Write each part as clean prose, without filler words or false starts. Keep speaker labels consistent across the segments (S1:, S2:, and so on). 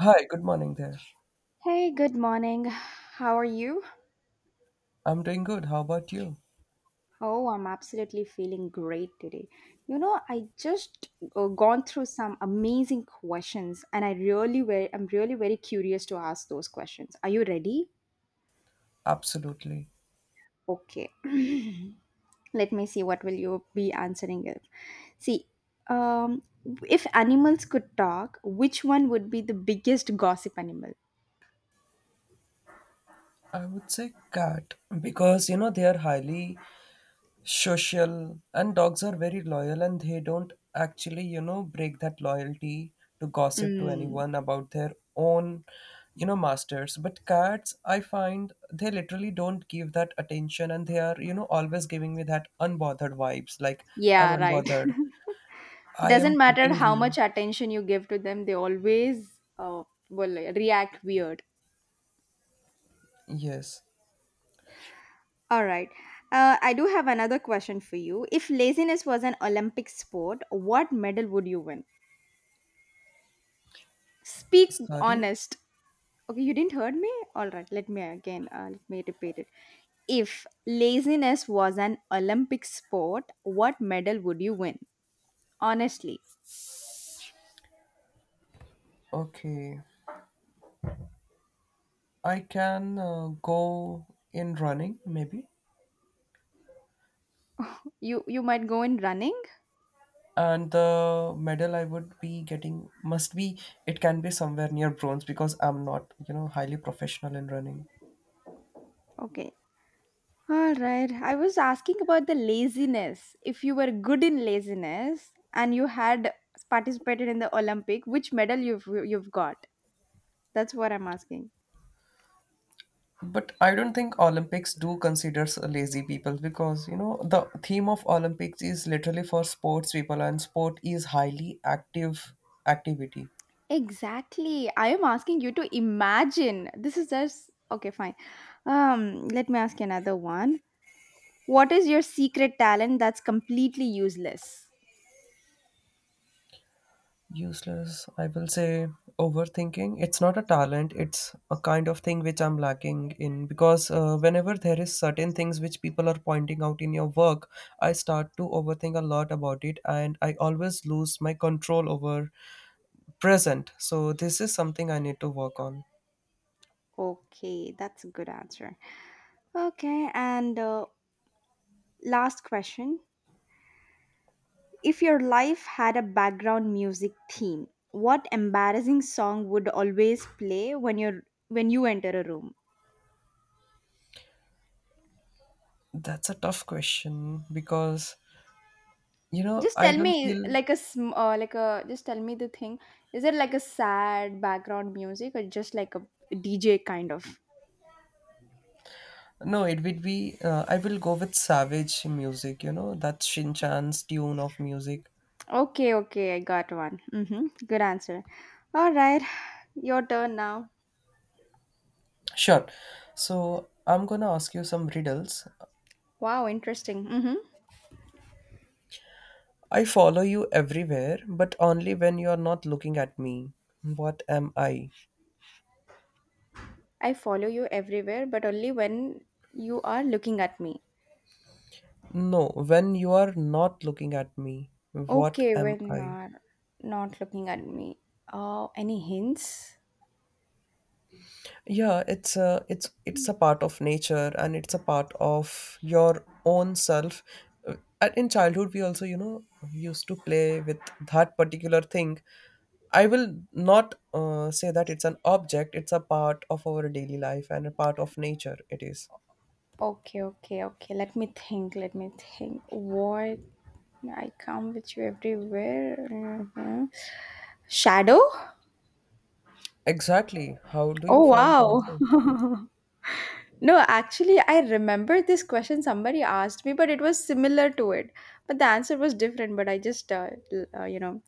S1: Hi, good morning there.
S2: Hey, good morning. How are you?
S1: I'm doing good. How about you?
S2: Oh, I'm absolutely feeling great today. I just gone through some amazing questions and I'm really very curious to ask those questions. Are you ready?
S1: Absolutely.
S2: Okay. Let me see what will you be answering it. See, um if animals could talk, which one would be the biggest gossip animal?
S1: I would say cat because you know they are highly social, and dogs are very loyal and they don't actually, you know, break that loyalty to gossip to
S2: Mm,
S1: anyone about their own, you know, masters. But cats, I find they literally don't give that attention and they are, you know, always giving me that unbothered vibes like I'm
S2: yeah, right.
S1: unbothered. I
S2: Doesn't
S1: am
S2: matter
S1: keeping
S2: how
S1: you.
S2: much attention you give to them, they always will react weird.
S1: Yes.
S2: All right. I do have another question for you. If laziness was an Olympic sport, what medal would you win? Speak.
S1: Sorry.
S2: Honest. Okay, you didn't heard me? All right, let me repeat it. If laziness was an Olympic sport, what medal would you win? Honestly.
S1: Okay. I can go in running maybe,
S2: You might go in running.
S1: and the medal I would be getting must be it can be somewhere near bronze because I'm not, you know, highly professional in running.
S2: Okay, all right. I was asking about the laziness. If you were good in laziness and you had participated in the Olympic, which medal you've got? That's what I'm asking.
S1: But I don't think Olympics do considers lazy people because you know the theme of Olympics is literally for sports people and sport is highly active activity.
S2: Exactly. I am asking you to imagine. This is just okay, fine. Let me ask you another one. What is your secret talent that's completely useless?
S1: Useless, I will say overthinking. It's not a talent, it's a kind of thing which I'm lacking in because whenever there is certain things which people are pointing out in your work, I start to overthink a lot about it and I always lose my control over present. So this is something I need to work on.
S2: Okay, that's a good answer. Okay, and last question. If your life had a background music theme, what embarrassing song would always play when you enter a room?
S1: That's a tough question because you know
S2: Just
S1: I
S2: tell
S1: don't
S2: me,
S1: feel
S2: like a, just tell me the thing. Is it like a sad background music or just like a DJ kind of?
S1: no it would be I will go with savage music, you know that's Shin Chan's tune of music.
S2: Okay, okay, I got one. Mhm. Good answer. All right. Your turn now.
S1: Sure. So I'm gonna ask you some riddles.
S2: Wow, interesting. Mhm.
S1: I follow you everywhere, but only when you are not looking at me. What am I?
S2: I follow you everywhere but only when you are looking at me.
S1: No, when you are not looking at me, what
S2: Okay,
S1: am
S2: when you
S1: I?
S2: are not looking at me. Any hints?
S1: Yeah, it's a it's a part of nature and it's a part of your own self. Uh, and in childhood, we also, you know, used to play with that particular thing. I will not say that it's an object. It's a part of our daily life and a part of nature. It is.
S2: Okay, okay, okay. Let me think. Let me think. What? I come with you everywhere. Mhm. Shadow?
S1: Exactly. How do you
S2: Oh,
S1: find the
S2: wow.
S1: answer?
S2: No, actually, I remember this question somebody asked me, but it was similar to it. But the answer was different, but I just,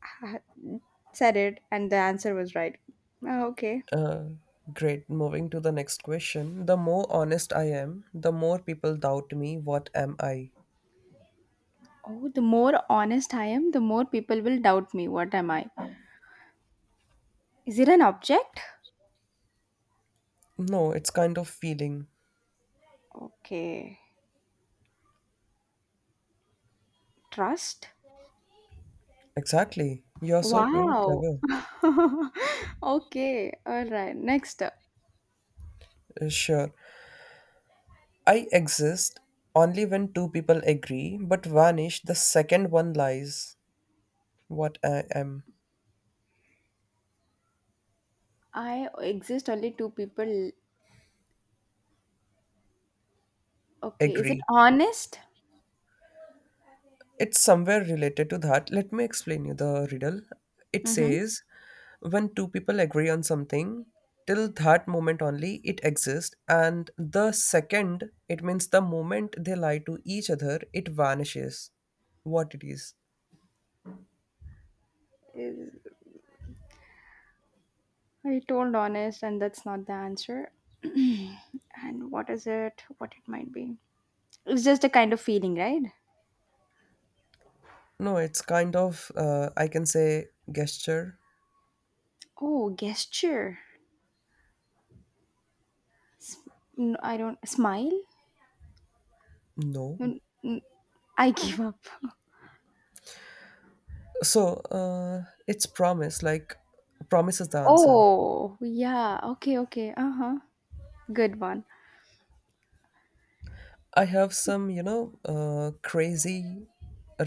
S2: said it, and the answer was right. Okay.
S1: Uh, Great. Moving to the next question. The more honest I am, the more people doubt me. What am I?
S2: Oh, the more honest I am, the more people will doubt me. What am I? Is it an object?
S1: No, it's kind of feeling.
S2: Okay. Trust?
S1: Exactly. You are so, you know,
S2: Wow.
S1: clever.
S2: Okay. All right. Next.
S1: Sure. I exist only when two people agree, but vanish the second one lies. What I am.
S2: I exist only two people. Okay. Is it
S1: Agree.
S2: honest?
S1: It's somewhere related to that. Let me explain you the riddle. It
S2: Mm-hmm.
S1: says when two people agree on something, till that moment only it exists, and the second, it means the moment they lie to each other, it vanishes. What it is.
S2: Is, I told honest, and that's not the answer. And what is it? What it might be? It's just a kind of feeling, right?
S1: No, it's kind of, I can say, gesture.
S2: Oh, gesture. S- I don't. Smile?
S1: No.
S2: N- n- I give up.
S1: So it's promise, like, promise is the answer.
S2: Oh, yeah. Okay, okay. Uh-huh. Good one.
S1: I have some, you know, crazy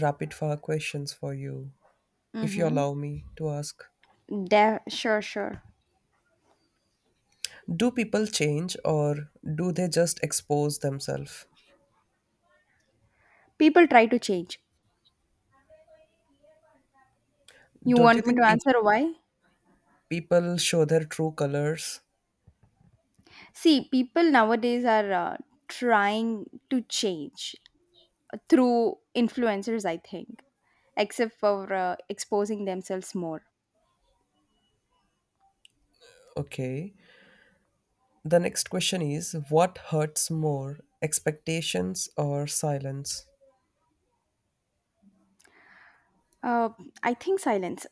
S1: rapid fire questions for you, if you
S2: Mm-hmm.
S1: allow me to ask.
S2: Sure, sure.
S1: Do people change or do they just expose themselves?
S2: People try to change. You
S1: Don't you
S2: want me
S1: think
S2: to answer why?
S1: people show their true colors?
S2: See, people nowadays are trying to change through influencers, I think, except for exposing themselves more.
S1: Okay. The next question is what hurts more, expectations or silence?
S2: Uh, I think silence.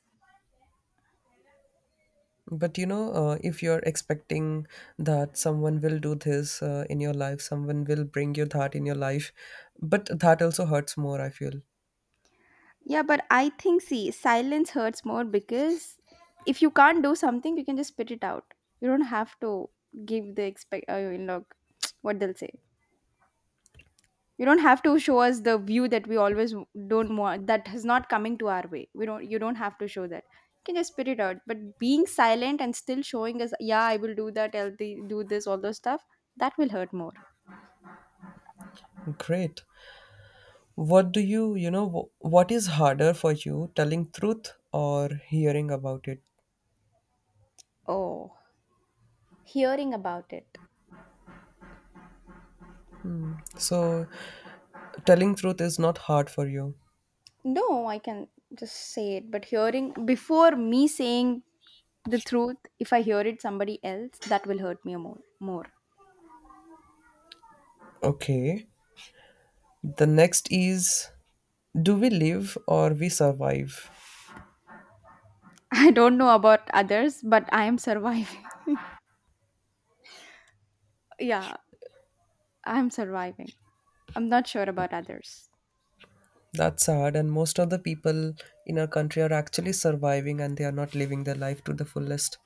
S1: But you know, if you're expecting that someone will do this in your life, someone will bring you that in your life, but that also hurts more, I feel.
S2: Yeah, but I think, see, silence hurts more because if you can't do something, you can just spit it out. You don't have to give the what they'll say. You don't have to show us the view that we always don't want, that is not coming to our way. We don't, you don't have to show that. You can just spit it out. But being silent and still showing us, yeah, I will do that, I'll do this, all those stuff, that will hurt more.
S1: Great. What do you, you know, what is harder for you, telling truth or hearing about it?
S2: Oh, hearing about it.
S1: So, telling truth is not hard for you.
S2: No, I can just say it, but hearing before me saying the truth, if I hear it somebody else, that will hurt me more. More.
S1: Okay. The next is do we live or we survive?
S2: I don't know about others, but I am surviving. Yeah, I'm surviving. I'm not sure about others.
S1: That's sad, and most of the people in our country are actually surviving and they are not living their life to the fullest.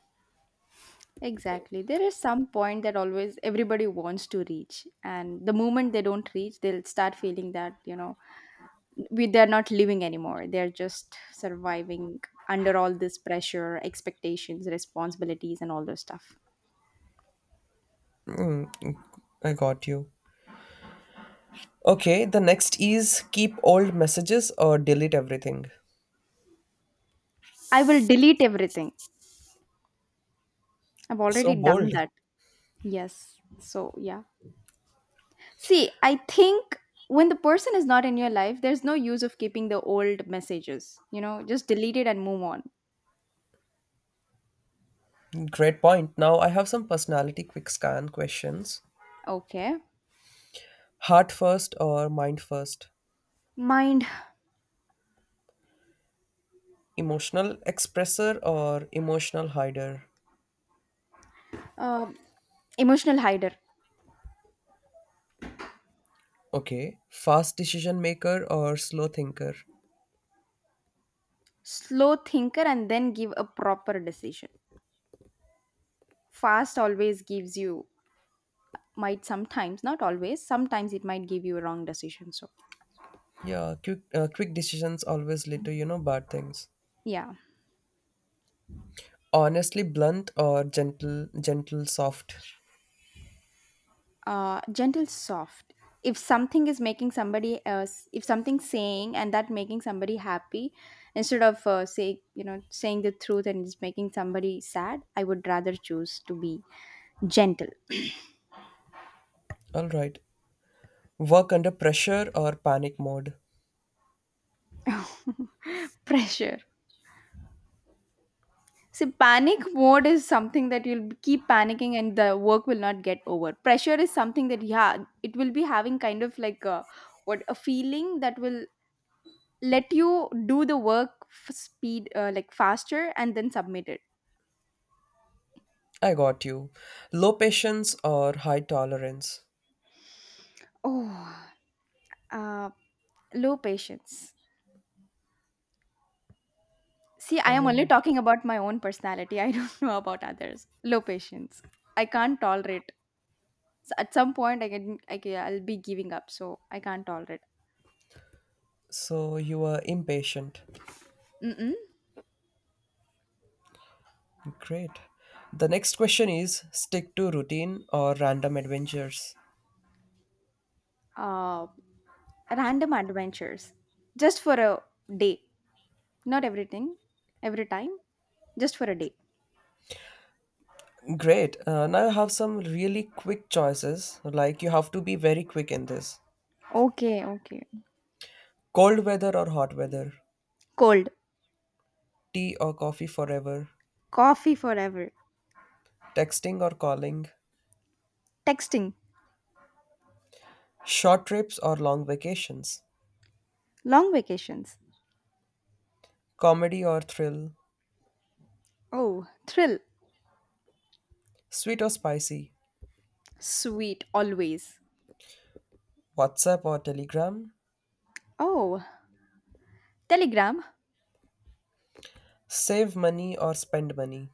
S2: Exactly. There is some point that always everybody wants to reach, and the moment they don't reach, they'll start feeling that you know we they're not living anymore, they're just surviving under all this pressure, expectations, responsibilities, and all those stuff.
S1: Mm, mm, I got you. Okay, the next is keep old messages or delete everything.
S2: I will delete everything. I've
S1: So
S2: already done
S1: bold.
S2: that. Yes, so yeah, see, I think when the person is not in your life, there's no use of keeping the old messages, just delete it and move on.
S1: Great point. Now I have some personality quick scan questions.
S2: Okay.
S1: Heart first or mind first?
S2: Mind.
S1: Emotional expressor or emotional hider?
S2: um Emotional hider.
S1: Okay. Fast decision maker or slow thinker?
S2: Slow thinker, and then give a proper decision. Fast always gives you, might sometimes, not always, sometimes it might give you a wrong decision, so.
S1: Yeah, quick decisions always lead to, you know, bad things.
S2: Yeah.
S1: Honestly, blunt or gentle, gentle, soft.
S2: Gentle, soft. If something is making somebody else, if something's saying and that making somebody happy, instead of saying the truth, and it's making somebody sad, I would rather choose to be gentle.
S1: All right. Work under pressure or panic mode.
S2: Pressure. See, panic mode is something that you'll keep panicking and the work will not get over. Pressure is something that, yeah, it will be having kind of like a, what, a feeling that will let you do the work speed, like, faster, and then submit it.
S1: I got you. Low patience or high tolerance.
S2: Oh, uh, low patience. See,
S1: I
S2: I am only
S1: mean,
S2: talking about my own personality, I don't know about others. Low patience. I can't tolerate. So at some point, I can, I'll be giving up, so I can't tolerate.
S1: so you are impatient.
S2: Mm-mm.
S1: Great. The next question is stick to routine or random adventures.
S2: uh Random adventures, just for a day, not everything every time, just for a day.
S1: Great. Now you have some really quick choices. Like you have to be very quick in this.
S2: Okay, okay.
S1: Cold weather or hot weather?
S2: Cold.
S1: Tea or coffee forever?
S2: Coffee forever.
S1: Texting or calling?
S2: Texting.
S1: Short trips or long vacations,
S2: Long vacations.
S1: comedy or thrill,
S2: Oh, thrill.
S1: sweet or spicy,
S2: Sweet, always.
S1: WhatsApp or Telegram,
S2: Oh, Telegram.
S1: save money or spend money.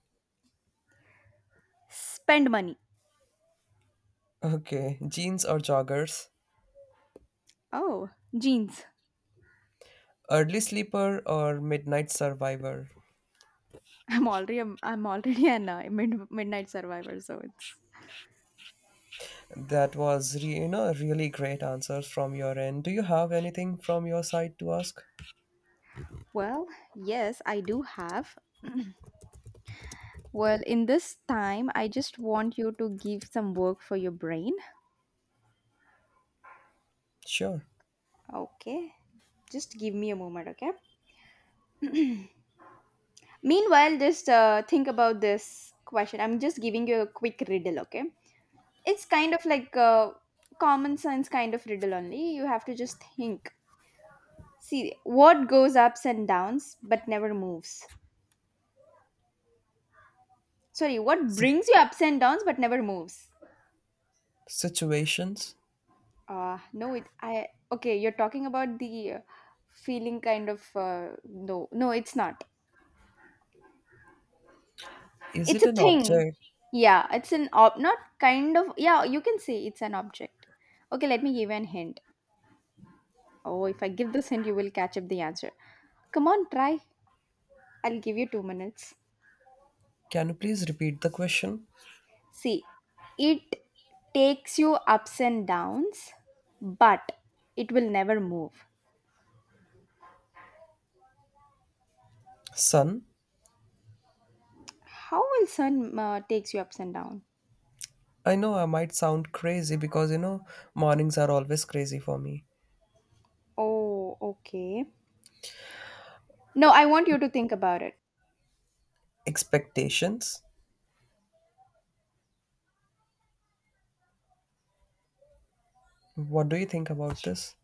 S2: Spend money.
S1: Okay, jeans or joggers,
S2: Oh, jeans.
S1: early sleeper or midnight survivor.
S2: I'm already an midnight survivor, so it's.
S1: You know really great answers from your end. Do you have anything from your side to ask?
S2: Well, yes, I do have. Well, in this time, I just want you to give some work for your brain.
S1: Sure.
S2: Okay, just give me a moment, okay? Meanwhile, just think about this question. I'm just giving you a quick riddle, okay? It's kind of like a common sense kind of riddle only. You have to just think. See, what goes ups and downs but never moves? Sorry, what
S1: Si-
S2: brings you ups and downs but never moves?
S1: Situations.
S2: No, okay, you're talking about the feeling kind of, no, no, it's not.
S1: Is
S2: It's
S1: it
S2: a
S1: an
S2: thing.
S1: object?
S2: Yeah, it's an, not kind of, yeah, you can say it's an object. Okay, let me give you an hint. Oh, if I give this hint, you will catch up the answer. Come on, try. I'll give you 2 minutes.
S1: Can you please repeat the question?
S2: See, it takes you ups and downs, but it will never move.
S1: Sun.
S2: How will sun takes you ups and down?
S1: I know I might sound crazy because you know mornings are always crazy for me.
S2: Oh, okay. No, I want you to think about it.
S1: Expectations? What do you think about this?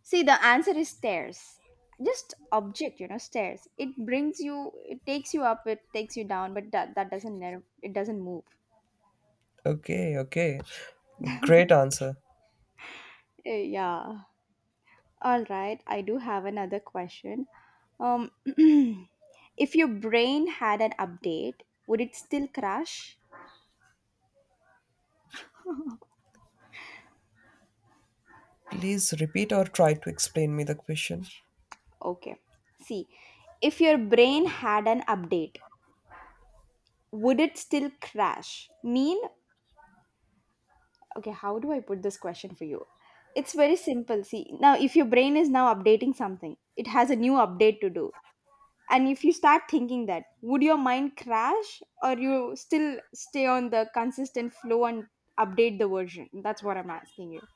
S2: See, the answer is stairs. Just object, stairs. It brings you, it takes you up, it takes you down, but that doesn't, it doesn't move.
S1: Okay, okay. Great answer.
S2: Eh, yeah. All right. I do have another question. Um, if your brain had an update, would it still crash?
S1: Please repeat or try to explain me the question.
S2: Okay. See, if your brain had an update, would it still crash? Okay, how do I put this question for you? It's very simple. See, now if your brain is now updating something, it has a new update to do. And if you start thinking that, would your mind crash or you still stay on the consistent flow and update the version? That's what I'm asking you.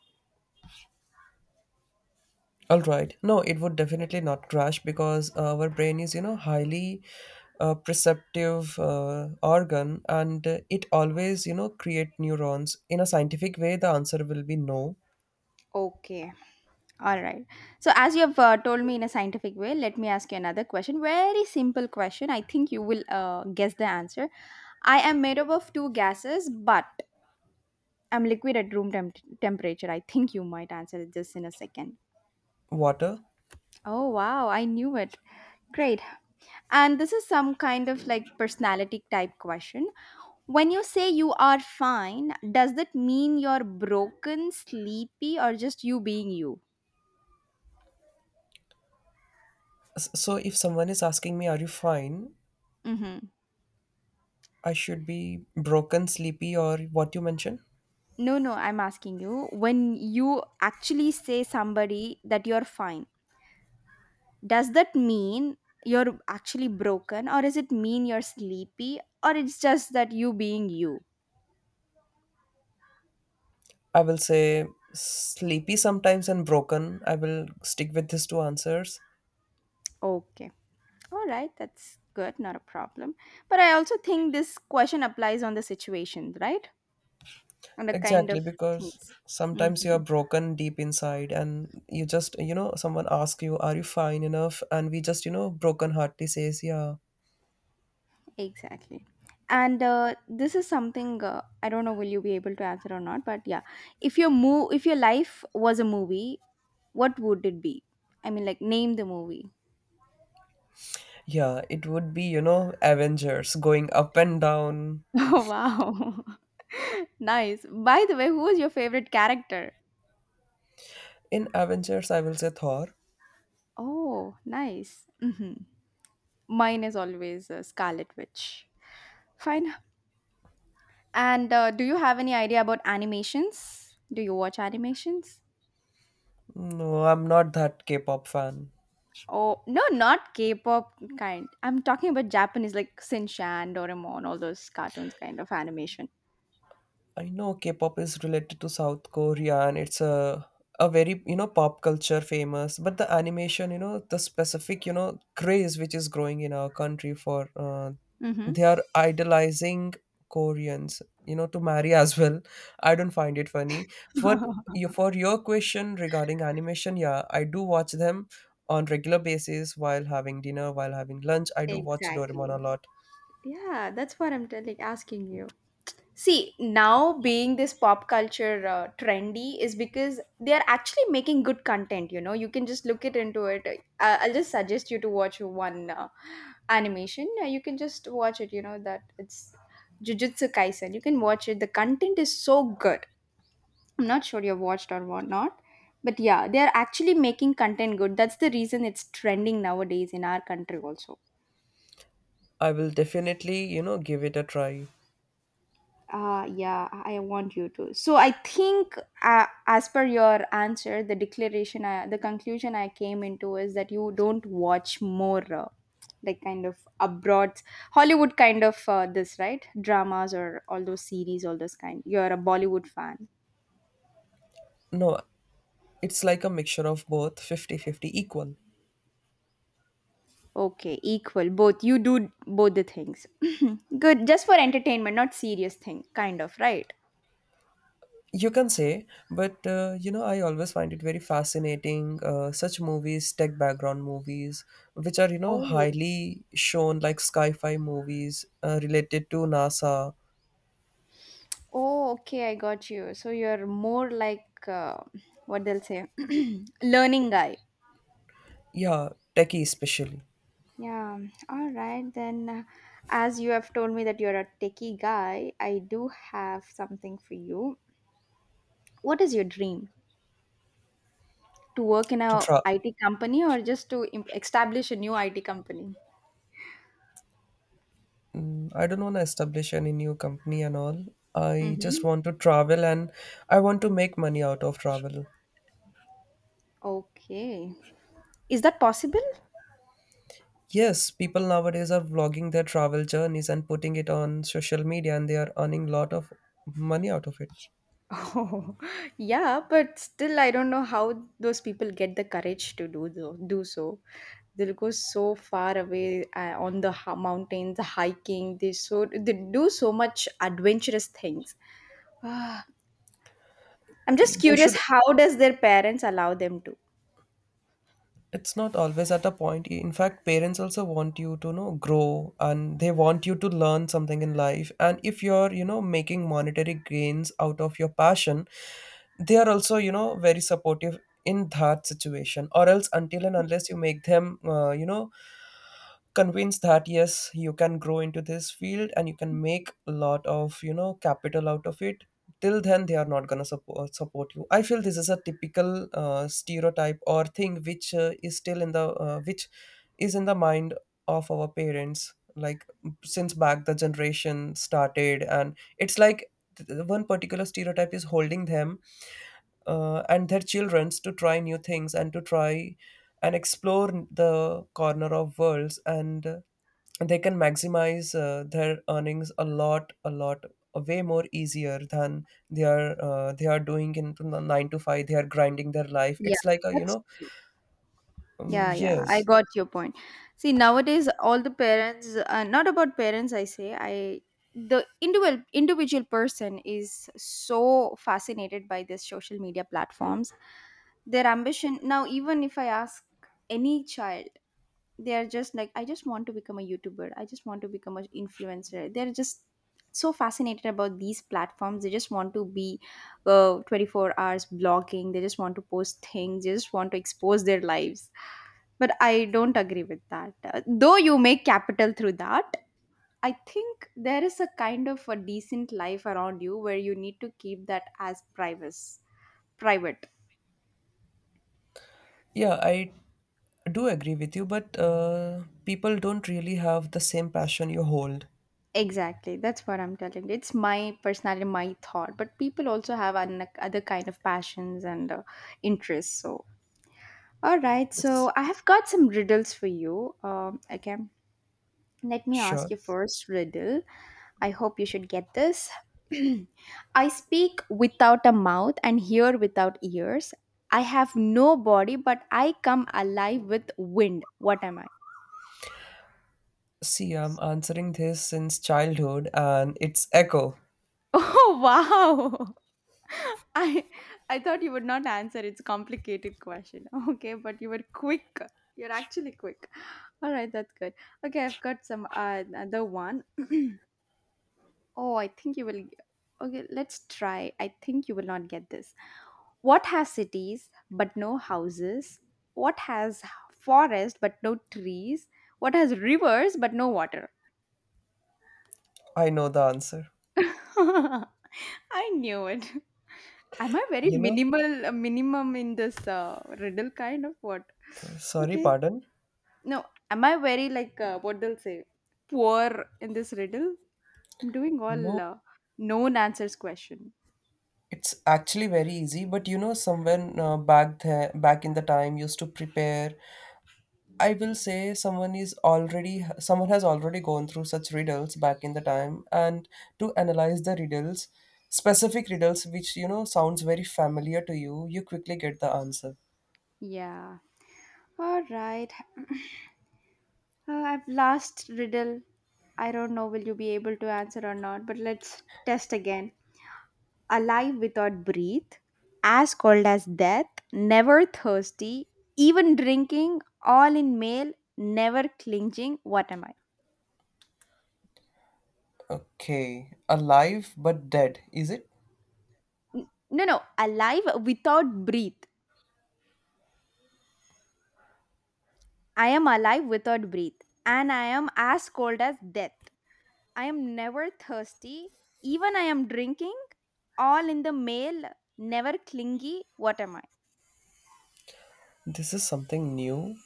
S1: All right. No, it would definitely not crash because our brain is, you know, highly perceptive organ, and it always, you know, create neurons. In a scientific way, the answer will be no.
S2: Okay. All right. So, as you have told me in a scientific way, let me ask you another question. Very simple question. I think you will guess the answer. I am made up of two gases, but I'm liquid at room temperature. I think you might answer this in a second.
S1: Water.
S2: Oh, wow. I knew it. Great. And this is some kind of like personality type question. When you say you are fine, does that mean you're broken, sleepy, or just you being you?
S1: So if someone is asking me, are you fine?
S2: Mhm.
S1: I should be broken, sleepy, or what you mentioned.
S2: No, no, I'm asking you when you actually say somebody that you're fine, does that mean you're actually broken or does it mean you're sleepy or it's just that you being you?
S1: I will say sleepy sometimes and broken. I will stick with these two answers.
S2: Okay. All right, that's good, not a problem. But I also think this question applies on the situation, right? On the kind
S1: Exactly,
S2: of
S1: because
S2: things. Hmm.
S1: sometimes you are broken deep inside, and you just, you know, someone asks you, are you fine enough? And we just, you know, broken heartedly says, yeah,
S2: Exactly. And this is something I don't know will you be able to answer or not, but yeah, if your life was a movie, what would it be? I mean, like name the movie.
S1: yeah, it would be, you know, Avengers going up and down.
S2: Oh wow, nice. By the way, who was your favorite character?
S1: In Avengers, I will say Thor.
S2: Oh, nice. Hmm. Mine is always Scarlet Witch. Fine. And do you have any idea about animations? Do you watch animations?
S1: No, I'm not that K pop fan.
S2: Oh, no, not K-pop kind. I'm talking about Japanese, like Shinchan, Doraemon, all those cartoons kind of animation.
S1: I know K-pop is related to South Korea and it's a very, you know, pop culture famous, but the animation, you know, the specific, you know, craze which is growing in our country for
S2: Mm-hmm.
S1: they are idolizing Koreans, you know, to marry as well. I don't find it funny. For you for your question regarding animation, yeah, I do watch them on regular basis while having dinner, while having lunch. I do watch Doraemon a
S2: Exactly.
S1: lot.
S2: Yeah, that's what I'm telling, asking you. See, now being this pop culture trendy is because they are actually making good content, you know. You can just look it into it. I'll just suggest you to watch one animation. You can just watch it, that it's Jujutsu Kaisen. You can watch it. The content is so good. I'm not sure you've watched or whatnot. But yeah, they're actually making content good. That's the reason it's trending nowadays in our country also.
S1: I will definitely, you know, give it a try.
S2: Yeah, I want you to. So I think, as per your answer, the declaration, the conclusion I came into is that you don't watch more like kind of abroad Hollywood kind of this right dramas or all those series, all those kind. You're a Bollywood fan.
S1: No, it's like a mixture of both 50-50 equal.
S2: Okay, equal. Both. You do both the things. Good. Just for entertainment, not serious thing, kind of, right?
S1: You can say, but you know, I always find it very fascinating. Such movies, tech background movies, which are, you know,
S2: Oh.
S1: highly shown like sci fi movies related to NASA.
S2: Oh, okay, I got you. So you're more like what they'll say, learning guy.
S1: Yeah, techie especially.
S2: Yeah. All right then. As you have told me that you're a techie guy, I do have something for you. What is your dream? To work in
S1: To
S2: a
S1: tra-
S2: IT company or just to establish a new IT company?
S1: Mm, I don't want to establish any new company and all. I just
S2: Mm-hmm.
S1: want to travel and I want to make money out of travel.
S2: Okay. Is that possible?
S1: Yes, people nowadays are vlogging their travel journeys and putting it on social media and they are earning lot of money out of it.
S2: Oh, yeah, but still, I don't know how those people get the courage to do so. They'll go so far away on the mountains, hiking. They do so much adventurous things. Ah, I'm just
S1: There
S2: curious,
S1: should
S2: how does their parents allow them to?
S1: it's not always at a point. In fact, parents also want you to, you know, grow and they want you to learn something in life. And if you're, you know, making monetary gains out of your passion, they are also, you know, very supportive in that situation. Or else until and unless you make them you know, convinced that yes you can grow into this field and you can make a lot of, you know, capital out of it, till then they are not going to support you. I feel this is a typical stereotype or thing which is still in the which is in the mind of our parents like since back the generation started, and it's like one particular stereotype is holding them and their childrens to try new things and to try and explore the corner of worlds, and they can maximize their earnings a lot, a lot, a way more easier than they are they are doing in from the 9 to 5. They are grinding their life.
S2: Yeah,
S1: It's like a, you
S2: that's.
S1: know,
S2: Yeah, yeah, I
S1: yes,
S2: got your point. See, nowadays, all the parents, not about parents, I say, I the individual person is so fascinated by these social media platforms. Their ambition now, even if I ask any child, they are just like, I just want to become a YouTuber. I just want to become an influencer. They're just so fascinated about these platforms. They just want to be 24 hours blogging. They just want to post things. They just want to expose their lives, but I don't agree with that. Though you make capital through that, I think there is a kind of a decent life around you where you need to keep that as privacy, private.
S1: yeah, I do agree with you, but people don't really have the same passion you hold
S2: Exactly. That's what I'm telling. You. It's my personality, my thought. But people also have an, other kind of passions and interests. So, all right.
S1: it's
S2: So I have got some riddles for you. Okay. Let me
S1: sure.
S2: ask you first riddle. I hope you should get this. I speak without a mouth and hear without ears. I have no body, but I come alive with wind. What am I?
S1: See, I'm answering this since childhood and it's echo.
S2: Oh wow! I I thought you would not answer. It's a complicated question. Okay, but you were quick. You're actually quick. All right, that's good. Okay, I've got some another one. Oh, I think you will. Okay, let's try. I think you will not get this. What has cities but no houses? What has forest but no trees? What has rivers but no water?
S1: I know the answer,
S2: I knew it. Am I very
S1: you know.
S2: minimum in this riddle kind of what?
S1: Sorry,
S2: Okay.
S1: pardon.
S2: No, am I very like what they'll say? Poor in this riddle? I'm doing
S1: No,
S2: all known answers question.
S1: it's actually very easy, but you know, someone back there, back in the time used to prepare. I will say someone is already, someone has already gone through such riddles back in the time, and to analyze the riddles, specific riddles which you know sounds very familiar to you, you quickly get the answer.
S2: Yeah. All right. I've last riddle. I don't know will you be able to answer or not, but let's test again. Alive without breath, as cold as death, never thirsty, even drinking, all in male, never clinging. What am I?
S1: Okay, alive but dead, is it?
S2: No, no, alive without breath. I am alive without breath, and I am as cold as death. I am never thirsty, even I am drinking, all in the male, never clingy. What am I?
S1: This is something new.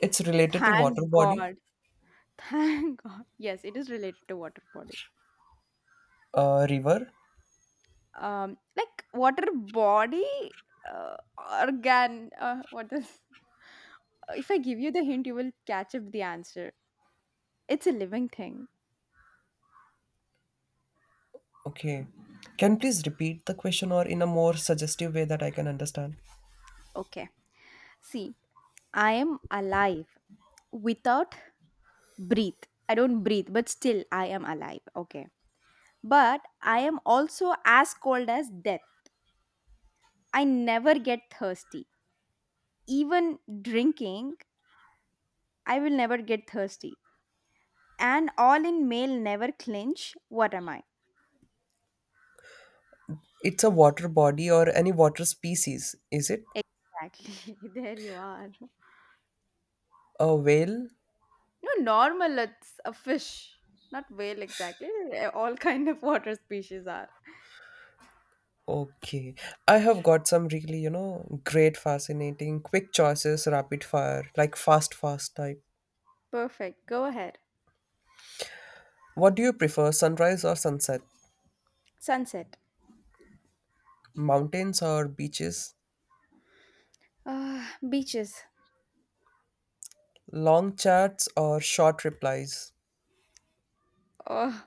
S1: It's related to water
S2: Thank
S1: body,
S2: God. Thank God. Yes, it is related to water body.
S1: river.
S2: Like water body uh, organ. What is? If I give you the hint, you will catch up the answer. It's a living thing.
S1: Okay. Can you please repeat the question or in a more suggestive way that I can understand?
S2: Okay. See, I am alive without breathe. I don't breathe, but still I am alive. Okay. But I am also as cold as death. I never get thirsty. Even drinking, I will never get thirsty. And all in male never clinch. What am I?
S1: It's a water body or any water species, is it?
S2: Exactly. There you are.
S1: A whale?
S2: No, normal. It's a fish, not whale exactly. Eh, all kind of water species are.
S1: Okay. I have got some really, you know, great, fascinating, quick choices, rapid fire, like fast, fast type.
S2: Perfect. Go ahead.
S1: What do you prefer, sunrise or sunset?
S2: Sunset.
S1: Mountains or beaches?
S2: Ah, beaches.
S1: Long chats or short replies?
S2: Oh,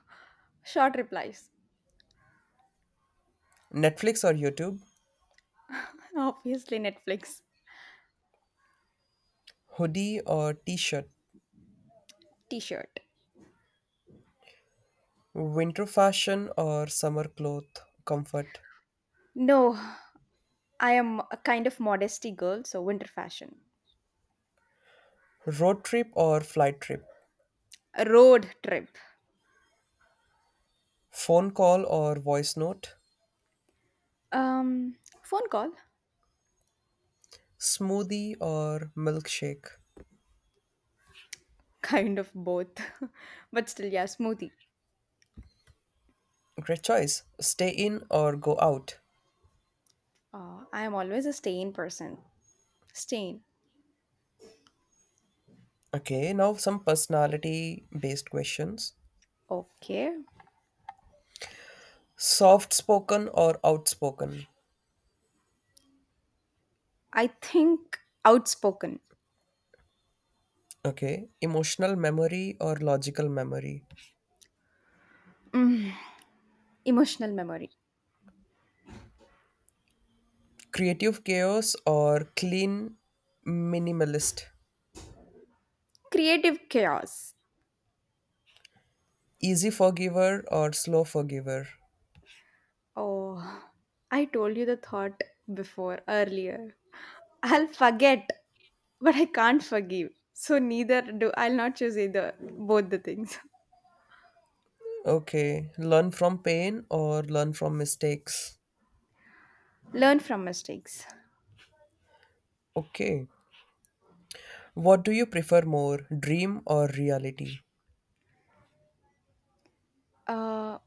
S2: short replies.
S1: Netflix or YouTube?
S2: Obviously, Netflix.
S1: Hoodie or t shirt?
S2: T-shirt.
S1: Winter fashion or summer cloth comfort?
S2: No, I am a kind of modesty girl, so winter fashion.
S1: Road trip or flight trip?
S2: A road trip.
S1: Phone call or voice note?
S2: Phone call.
S1: Smoothie or milkshake?
S2: Kind of both, but still, yeah, smoothie.
S1: Great choice. Stay in or go out?
S2: I am always a stain person. Stain.
S1: Okay, now some personality based questions.
S2: Okay.
S1: Soft spoken or outspoken?
S2: I think outspoken,
S1: Okay. Emotional memory or logical memory?
S2: emotional memory,
S1: Creative chaos or clean minimalist?
S2: creative chaos.
S1: Easy forgiver or slow forgiver?
S2: Oh, I told you the thought before earlier. I'll forget, but I can't forgive. So neither do I'll not choose either both the things.
S1: Okay, learn from pain or learn from mistakes.
S2: Learn from mistakes.
S1: Okay, what do you prefer more, dream or reality?
S2: Uh,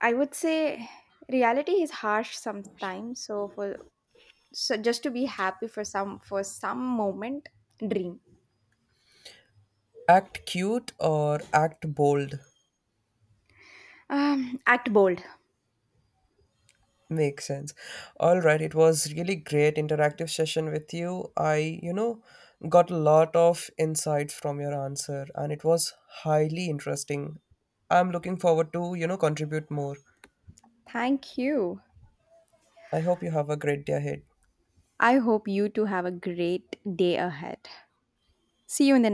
S2: I would say reality is harsh sometimes. So just to be happy for some moment dream.
S1: Act cute or act bold?
S2: Act bold.
S1: Makes sense. All right, it was really great interactive session with you. I, you know, got a lot of insights from your answer and it was highly interesting. I'm looking forward to, you know, contribute more.
S2: Thank you.
S1: I hope you have a great day ahead.
S2: I hope you two have a great day ahead. See you in the next